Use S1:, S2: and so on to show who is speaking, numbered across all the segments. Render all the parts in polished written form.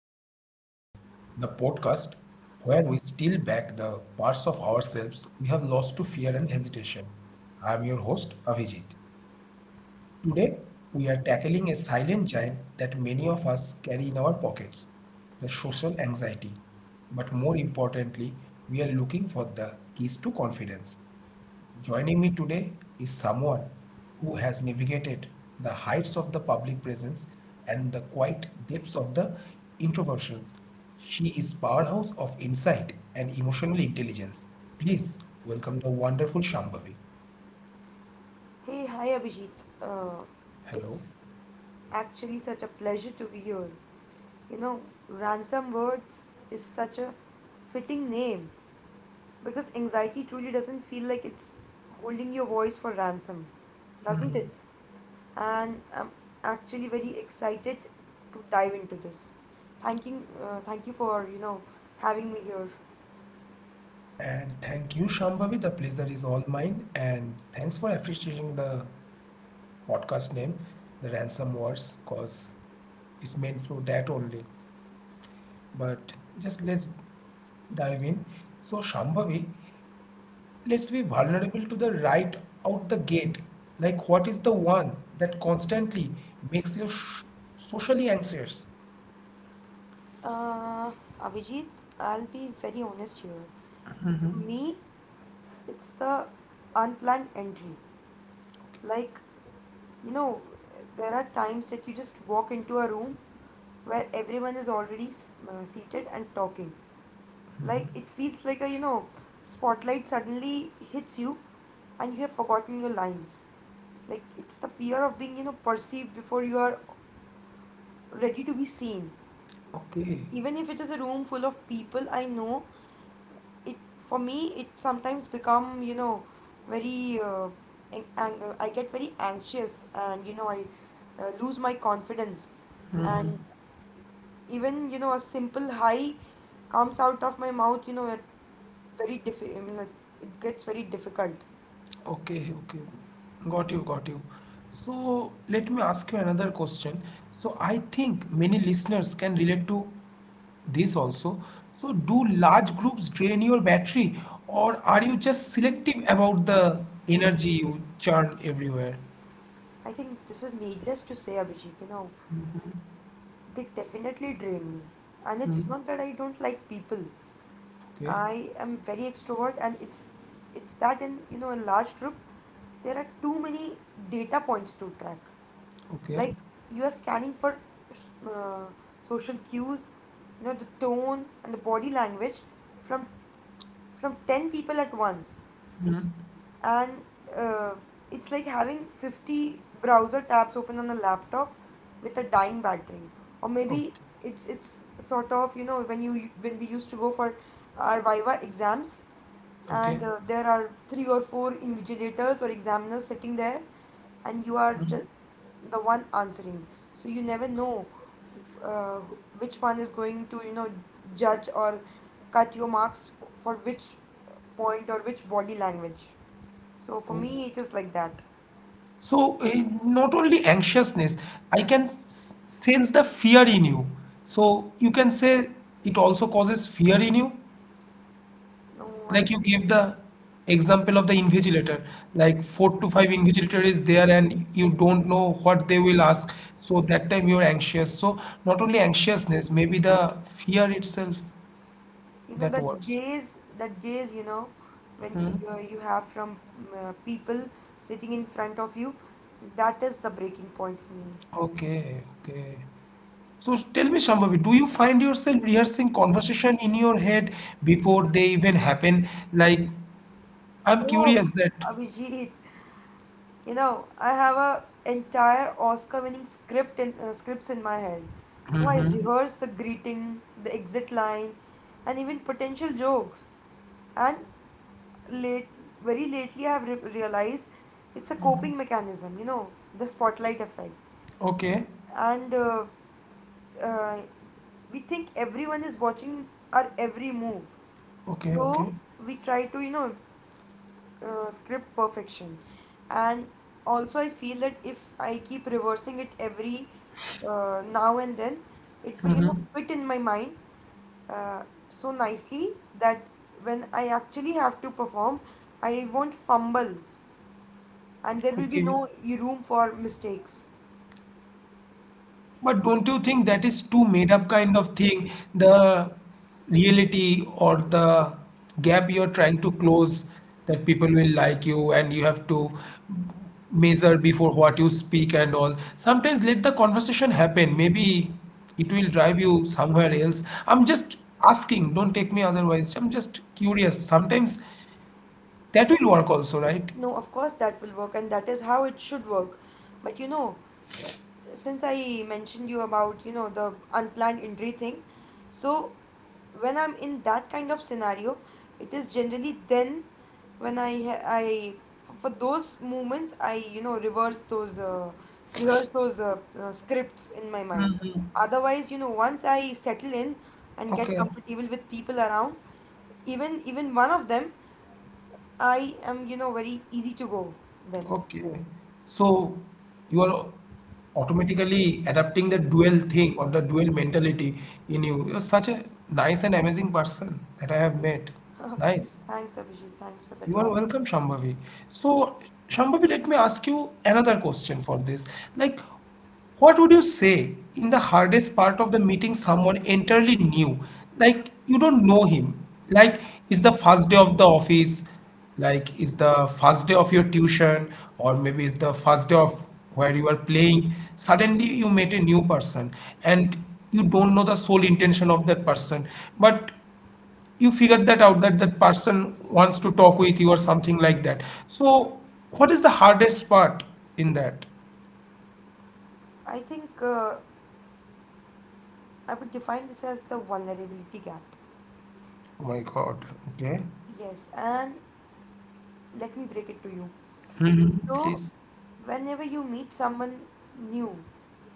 S1: to the Ransom Wars, the podcast where we steal back the parts of ourselves we have lost to fear and hesitation. I am your host, Avijit. Today, we are tackling a silent giant that many of us carry in our pockets, the social anxiety. But more importantly, we are looking for the keys to confidence. Joining me today is someone who has navigated the heights of the public presence and the quiet depths of the introversions. She is powerhouse of insight and emotional intelligence. Please welcome the wonderful Shambhavi.
S2: Hey, hi Abhijit. Uh,
S1: Hello.
S2: it's actually such a pleasure to be here. You know, Ransom Words is such a fitting name because anxiety truly doesn't feel like it's holding your voice for ransom, doesn't it? And I'm actually very excited to dive into this. Thank you for, having me here.
S1: And thank you, Shambhavi. The pleasure is all mine. And thanks for appreciating the podcast name, The Ransom Words, because it's meant for that only. But just let's dive in. So, Shambhavi, let's be vulnerable to the right out the gate. Like, what is the one that constantly makes you socially anxious?
S2: Uh, Abhijit, I'll be very honest here. For me, it's the unplanned entry. Like, you know, there are times that you just walk into a room where everyone is already seated and talking. Like, it feels like a spotlight suddenly hits you and you have forgotten your lines. Like, it's the fear of being perceived before you are ready to be seen.
S1: Okay.
S2: Even if it is a room full of people I know, it for me it sometimes become very I get very anxious, and I lose my confidence, and even a simple hi comes out of my mouth. I mean, like, it gets very difficult.
S1: Okay, okay. Got you, got you. So let me ask you another question. So I think many listeners can relate to this also. So do large groups drain your battery, or are you just selective about the energy you churn everywhere?
S2: I think this is needless to say, Abhijit. They definitely drain me, and
S1: Hmm.
S2: it's not that I don't like people.
S1: Okay,
S2: I am very extrovert, and it's that in a large group, there are too many data points to track.
S1: okay,
S2: Like, you are scanning for uh, social cues, the tone and the body language from from 10 people at once, and uh, it's like having 50 browser tabs open on a laptop with a dying battery, or
S1: okay,
S2: maybe it's sort of, when you when we used to go for our viva exams,
S1: okay.
S2: and there are three or four invigilators or examiners sitting there and you are just the one answering, so you never know uh, which one is going to judge or cut your marks for which point or which body language. So for
S1: Oh.
S2: me it is like that.
S1: So not only anxiousness, I can sense the fear in you. So you can say it also causes fear in you.
S2: no i
S1: Like you
S2: don't-
S1: give the example of the invigilator, like four to five invigilator is there and you don't know what they will ask. So that time you're anxious. So not only anxiousness, maybe the fear itself that
S2: That
S1: works.
S2: gaze, when you have from people sitting in front of you, that is the breaking point for me.
S1: Okay, okay. So tell me, Shambhavi, do you find yourself rehearsing conversation in your head before they even happen? Like, I'm
S2: Oh,
S1: curious that.
S2: Abhijit, I have a entire Oscar-winning scripts in my head. You know, I rehearse the greeting, the exit line, and even potential jokes. And late, very lately, I have re realized it's a coping mechanism. You know, the spotlight effect,
S1: Okay,
S2: and uh, we think everyone is watching our every move.
S1: okay, okay,
S2: So we try to, script perfection. And also I feel that if I keep reversing it every now and then, it will fit in my mind, uh, so nicely that when I actually have to perform, I won't fumble and there will be
S1: okay.
S2: no room for mistakes.
S1: But don't you think that is too made up kind of thing? The reality or the gap you're trying to close that people will like you and you have to measure before what you speak and all. Sometimes let the conversation happen. Maybe it will drive you somewhere else. I'm just asking, don't take me otherwise. I'm just curious. Sometimes that will work also, right?
S2: No, of course that will work, and that is how it should work. But since I mentioned you about the unplanned injury thing, so when I'm in that kind of scenario, it is generally then, when I ha- I f- for those moments I reverse those rehearse those scripts in my mind.
S1: Hmm.
S2: Otherwise, once I settle in and get
S1: Okay.
S2: comfortable with people around, even one of them, I am very easy to go then.
S1: Okay. So you are automatically adapting the dual thing or the dual mentality in you. You're such a nice and amazing person that I have met. Nice.
S2: Thanks, Abhijit. Thanks for that
S1: You are
S2: compliment.
S1: welcome, Shambhavi. So, Shambhavi, let me ask you another question for this. Like, what would you say in the hardest part of the meeting someone entirely new? Like, you don't know him. Like, it's the first day of the office, like, it's the first day of your tuition, or maybe it's the first day of where you are playing. Suddenly, you met a new person and you don't know the sole intention of that person. But you figure that out that that person wants to talk with you or something like that. So, what is the hardest part in that?
S2: I think. I would define this as the vulnerability gap.
S1: Oh my God. Okay.
S2: Yes, and let me break it to you.
S1: Hmm.
S2: So,
S1: Please.
S2: whenever you meet someone new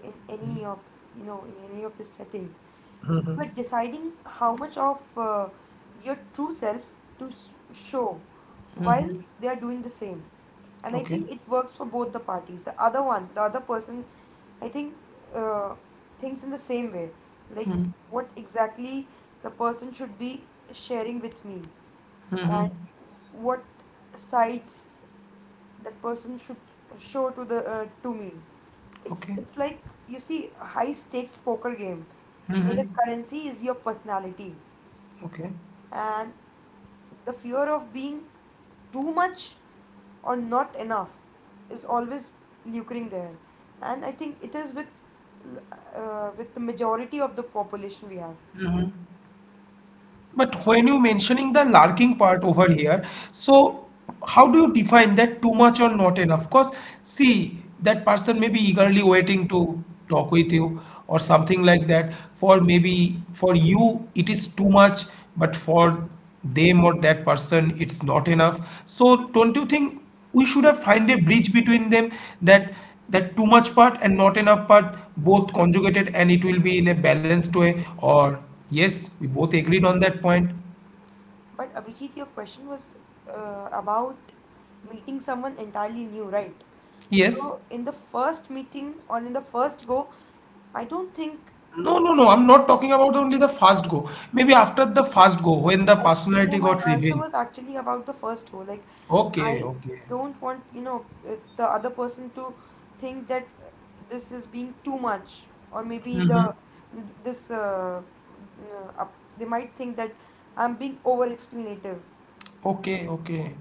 S2: in any of in any of the setting,
S1: Hmm.
S2: but deciding how much of your true self to show while they are doing the same. And I
S1: Okay.
S2: think it works for both the parties, the other person, I think, uh, thinks in the same way, like what exactly the person should be sharing with me,
S1: Hmm.
S2: and what sides that person should show to the to me. it's
S1: Okay.
S2: it's like you see a high stakes poker game where
S1: Hmm.
S2: the currency is your personality,
S1: Okay.
S2: and the fear of being too much or not enough is always lucring there. And I think it is l- with the majority of the population we have.
S1: Hmm. But when you mentioning the larking part over here, so how do you define that too much or not enough? Because see, that person may be eagerly waiting to talk with you or something like that. For maybe for you it is too much, but for them or that person it's not enough. So don't you think we should have find a bridge between them, that that too much part and not enough part both conjugated, and it will be in a balanced way, or yes we both agreed on that point?
S2: But Abhijit, your question was about meeting someone entirely new, right?
S1: Yes.
S2: So in the first meeting or in the first go, I don't think.
S1: No, no, no, I'm not talking about only the first go. Maybe after the first go when the
S2: I no.
S1: personality
S2: My
S1: got
S2: answer
S1: revealed.
S2: was actually about the first go. Like,
S1: Okay,
S2: I
S1: okay.
S2: don't want, the other person to think that, this is being too much. Or maybe
S1: Hmm.
S2: the this uh, they might think that I'm being over explanative.
S1: Okay, okay,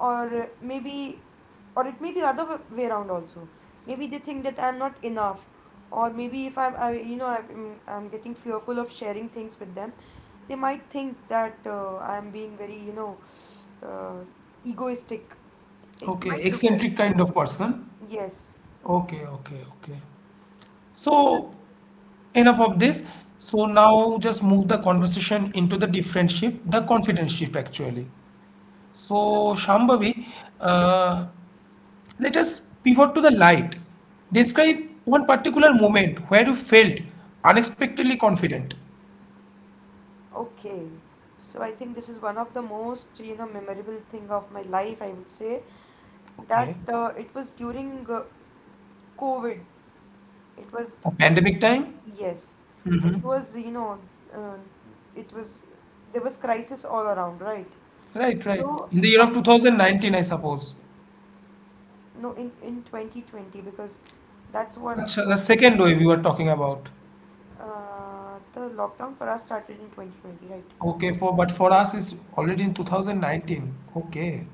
S2: Or maybe, or it may be other way around also. Maybe they think that I'm not enough. Or maybe if I'm I, you know I'm getting fearful of sharing things with them, they might think that, I'm being very, uh, egoistic, it
S1: okay.
S2: might look like.
S1: Eccentric kind of person.
S2: Yes.
S1: Okay, okay, okay. So enough of this. So now just move the conversation into the different shift, the confidence shift actually. So Shambhavi, uh, let us pivot to the light. Describe one particular moment where you felt unexpectedly confident.
S2: Okay, so I think this is one of the most memorable thing of my life, I would say, that
S1: Okay.
S2: it was during covid. It was.
S1: The pandemic time?
S2: Yes, it
S1: Hmm.
S2: was, uh, it was, there was crisis all around, right?
S1: Right, right.
S2: So
S1: In the year of
S2: some,
S1: 2019, I suppose.
S2: no, in 2020, because that's what,
S1: Acha,
S2: uh,
S1: the second wave we were talking about.
S2: the lockdown for us started in 2020, right?
S1: Okay, for but for us it's already in 2019. Okay.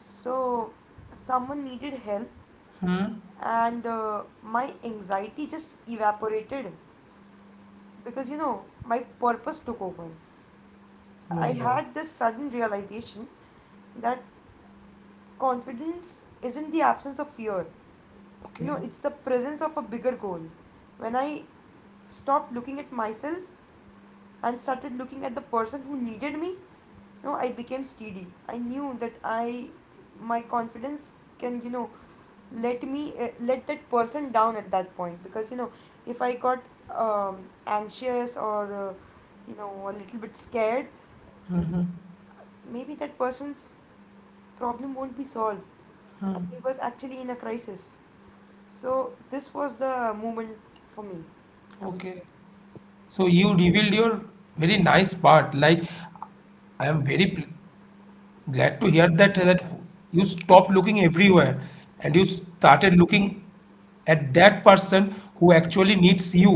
S2: So someone needed help,
S1: Hmm.
S2: and my anxiety just evaporated, because, you know, my purpose took over.
S1: Oh
S2: I
S1: my God.
S2: had this sudden realization that confidence isn't the absence of fear.
S1: Okay.
S2: It's the presence of a bigger goal. When I stopped looking at myself and started looking at the person who needed me, I became steady. I knew that I my confidence can, let that person down at that point, because if I got anxious, or a little bit scared, maybe that person's problem won't be solved. He was actually in a crisis. So this was the moment for me, I would
S1: Okay.
S2: say.
S1: So you revealed your very nice part. Like I am very glad to hear that that you stopped looking everywhere and you started looking at that person who actually needs you.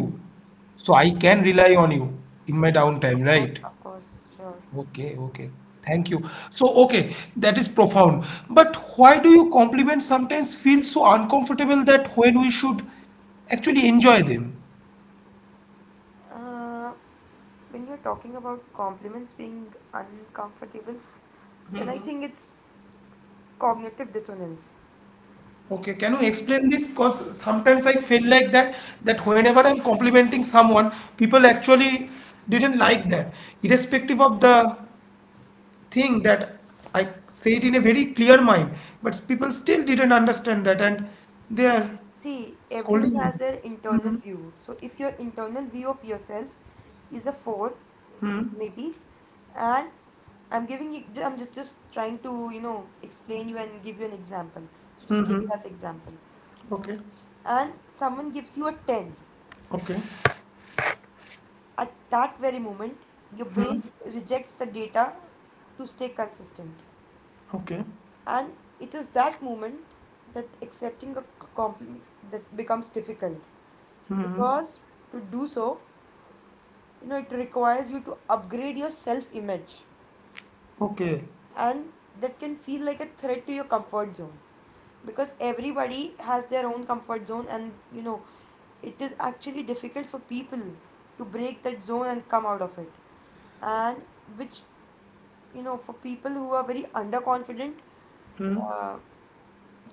S1: So I can rely on you in my downtime, right?
S2: Of course, sure.
S1: Okay, okay. Thank you. So, okay, that is profound. But why do you compliments sometimes feel so uncomfortable that when we should actually enjoy them?
S2: Uh, when you're talking about compliments being uncomfortable, then I think it's cognitive dissonance.
S1: Okay, can you explain this? Because sometimes I feel like that that whenever I'm complimenting someone, people actually didn't like that, irrespective of the thing that I said in a very clear mind, but people still didn't understand that and they are
S2: See, everyone
S1: scolding me.
S2: has their internal view. So if your internal view of yourself is a four, maybe, and I'm giving you, I'm just trying to, explain you and give you an example. So just take it
S1: Mm-hmm.
S2: as example,
S1: Okay.
S2: and someone gives you a 10.
S1: Okay.
S2: At that very moment, your brain rejects the data to stay consistent.
S1: Okay.
S2: And it is that moment, that accepting a compliment that becomes difficult,
S1: Mm-hmm.
S2: because to do so, you know, it requires you to upgrade your self-image,
S1: Okay.
S2: and that can feel like a threat to your comfort zone, because everybody has their own comfort zone, and it is actually difficult for people to break that zone and come out of it. And which, for people who are very underconfident,
S1: Mm-hmm.
S2: uh,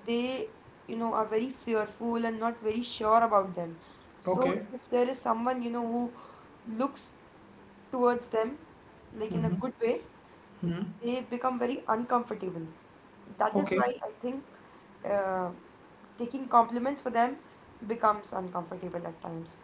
S2: they, are very fearful and not very sure about them. So
S1: Okay.
S2: if there is someone, who looks towards them like in a good way, they become very uncomfortable. That is
S1: Okay.
S2: why I think, uh, taking compliments for them becomes uncomfortable at times.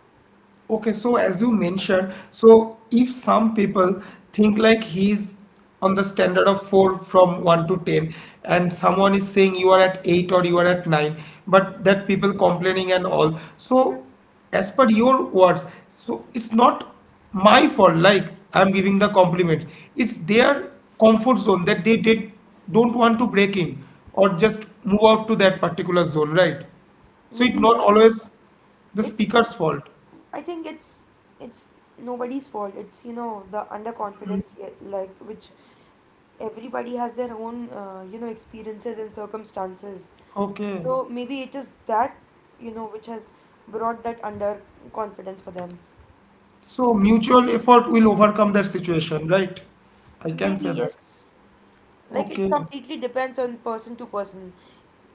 S1: Okay, so as you mentioned, so if some people think like he's on the standard of four from one to ten, and someone is saying you are at eight or you are at nine, but that people complaining and all. So, as per your words, so it's not my fault, like I'm giving the compliments. It's their comfort zone that they did don't want to break in or just move out to that particular zone, right? So
S2: Maybe
S1: it's not
S2: yes.
S1: always the
S2: it's it,
S1: speaker's fault.
S2: I think it's nobody's fault. It's, the underconfidence, yeah, like, which everybody has their own, experiences and circumstances.
S1: Okay.
S2: So maybe it is that, which has brought that under confidence for them.
S1: So mutual effort will overcome that situation, right? I can
S2: Maybe
S1: say that.
S2: yes. Like, it
S1: Okay.
S2: completely depends on person to person.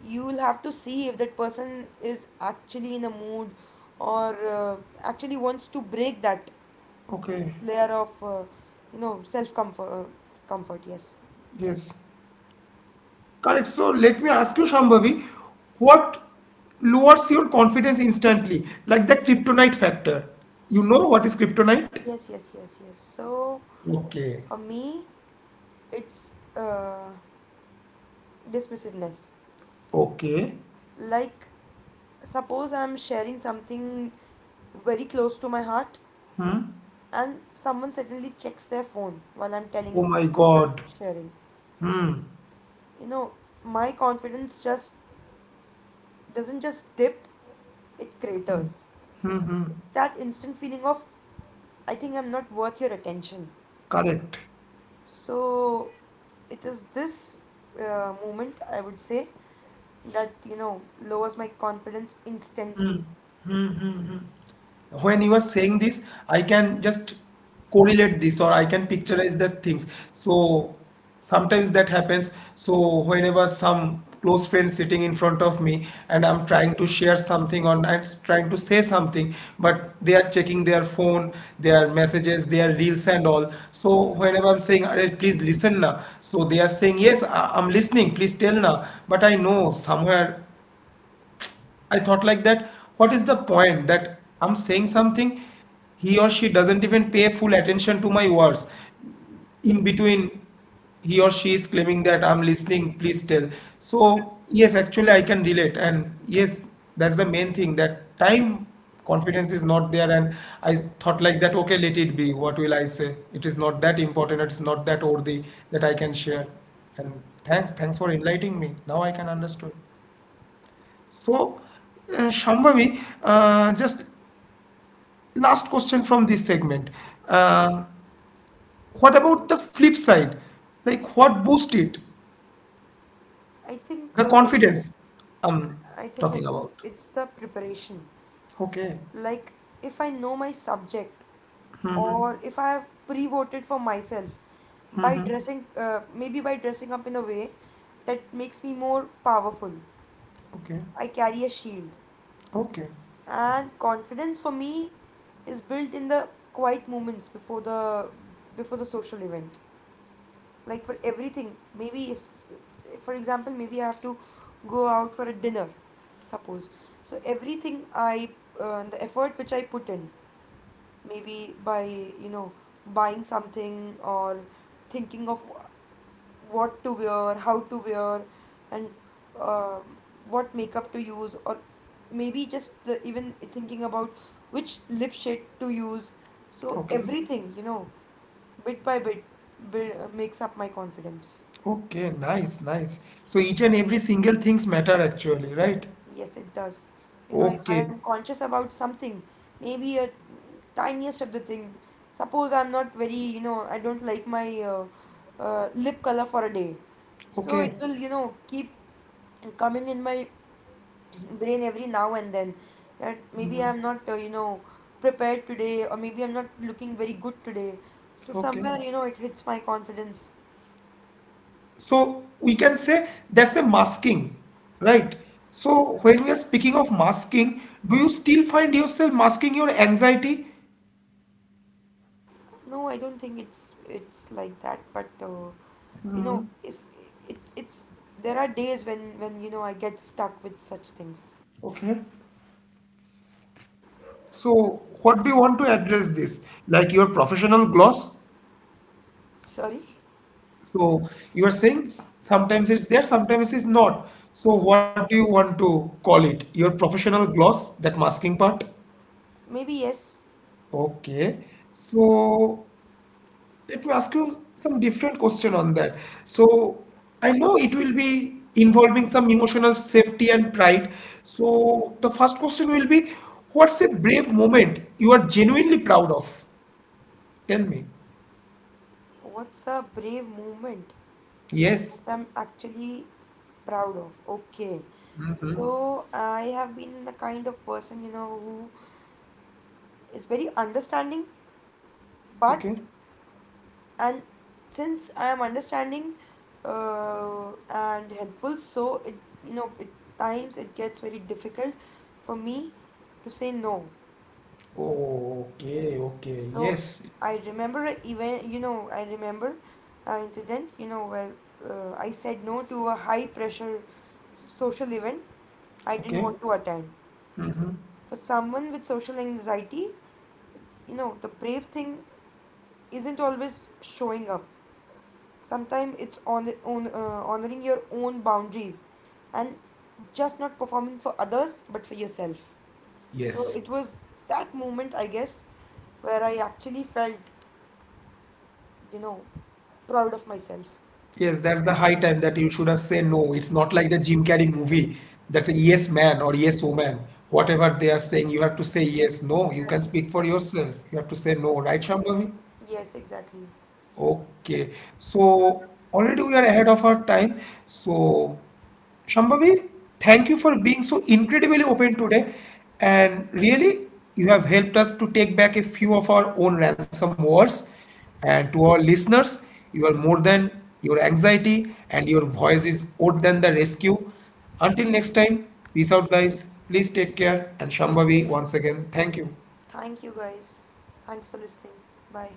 S2: You will have to see if that person is actually in a mood, or actually wants to break that
S1: Okay.
S2: layer of, self comfort, comfort, yes.
S1: Yes. Correct. So let me ask you, Shambhavi, what lowers your confidence instantly? Like the kryptonite factor. You know what is kryptonite?
S2: Yes, yes, yes, yes, So
S1: Okay.
S2: for me, it's dismissiveness.
S1: Okay.
S2: Like, suppose I'm sharing something very close to my heart,
S1: Hmm.
S2: and someone suddenly checks their phone while I'm
S1: Oh my God.
S2: sharing.
S1: Hmm.
S2: You know, my confidence just doesn't just dip, it craters. It's that instant feeling of, I think I'm not worth your attention.
S1: Correct.
S2: So, it is this moment, I would say, that lowers my confidence instantly.
S1: When you are saying this, I can just correlate this or I can picturize these things. So sometimes that happens. So whenever some close friend sitting in front of me and I'm trying to share something or I'm trying to say something, but they are checking their phone, their messages, their reels and all. So whenever I'm saying, "Arey, please listen na," so they are saying, "Yes, I'm listening, please tell na." But I know somewhere I thought like that, what is the point that I'm saying something, he or she doesn't even pay full attention to my words. In between, he or she is claiming that I'm listening, please tell. So, yes, actually, I can relate. And yes, that's the main thing that time confidence is not there. And I thought like that, okay, let it be. What will I say? It is not that important, it's not that worthy that I can share. And thanks for enlightening me. Now I can understand. So, Shambhavi, just last question from this segment. Uh, what about the flip side? Like, what boosted
S2: I think.
S1: the confidence I'm
S2: I think I
S1: talking
S2: think
S1: about?
S2: it's the preparation.
S1: Okay.
S2: Like, if I know my subject, or if I have pre-voted for myself by
S1: Hmm.
S2: dressing, maybe by dressing up in a way that makes me more powerful.
S1: Okay.
S2: I carry a shield,
S1: Okay.
S2: and confidence for me is built in the quiet moments before the social event. Like, for everything, maybe, for example, maybe I have to go out for a dinner, suppose. So everything I the effort which I put in, maybe by, buying something, or thinking of what to wear, how to wear, and uh, what makeup to use, or maybe just even thinking about which lip shade to use. So
S1: Okay.
S2: everything, bit by bit, makes up my confidence.
S1: Okay. Nice. Nice. So, each and every single things matter actually, right?
S2: Yes, it does. You know, if I
S1: Okay.
S2: am conscious about something, maybe a tiniest of the thing. Suppose I'm not very, you know, I don't like my lip color for a day. So
S1: Okay.
S2: it will keep coming in my brain every now and then, that maybe
S1: Mhm.
S2: I'm not prepared today, or maybe I'm not looking very good today. So
S1: Okay.
S2: somewhere, it hits my confidence.
S1: So we can say that's a masking, right? So when we are speaking of masking, do you still find yourself masking your anxiety?
S2: No, I don't think it's like that, but you know it's there are days when I get stuck with such things.
S1: Okay. So what do you want to address this? Like your professional gloss?
S2: Sorry.
S1: So you are saying sometimes it's there, sometimes it's not. So what do you want to call it? Your professional gloss, that masking part?
S2: Maybe yes.
S1: Okay. So let me ask you some different question on that. So I know it will be involving some emotional safety and pride. So the first question will be, what's a brave moment you are genuinely proud of? Tell me.
S2: What's a brave movement
S1: Yes.
S2: that I'm actually proud of? Okay.
S1: Mm-hmm.
S2: So I have been the kind of person, who is very understanding.
S1: Okay.
S2: But and since I am understanding, uh, and helpful, so it you know at times it gets very difficult for me to say no.
S1: Okay, okay.
S2: So
S1: Yes, yes.
S2: I remember a event, you know, I remember an incident, where I said no to a high pressure social event I didn't
S1: Okay.
S2: want to attend.
S1: Mm-hmm.
S2: For someone with social anxiety, the brave thing isn't always showing up. Sometimes it's on honoring your own boundaries, and just not performing for others but for yourself. So
S1: Yes.
S2: it was that moment, I guess, where I actually felt you know, proud of myself.
S1: Yes, that's the high time that you should have said no. It's not like the Jim Carrey movie. That's a yes man or yes woman. Whatever they are saying, you have to say yes, no. You can
S2: Exactly,
S1: speak for
S2: exactly.
S1: yourself. You have to say no, right, Shambhavi?
S2: Yes, exactly.
S1: Okay, so already we are ahead of our time. So, Shambhavi, thank you for being so incredibly open today. And really, you have helped us to take back a few of our own ransom words. And to our listeners, you are more than your anxiety, and your voice is more than the rescue. Until next time, peace out, guys. Please take care. And
S2: Thank you.
S1: Shambhavi, once again, thank you.
S2: Thank you guys. Thanks for listening. Bye.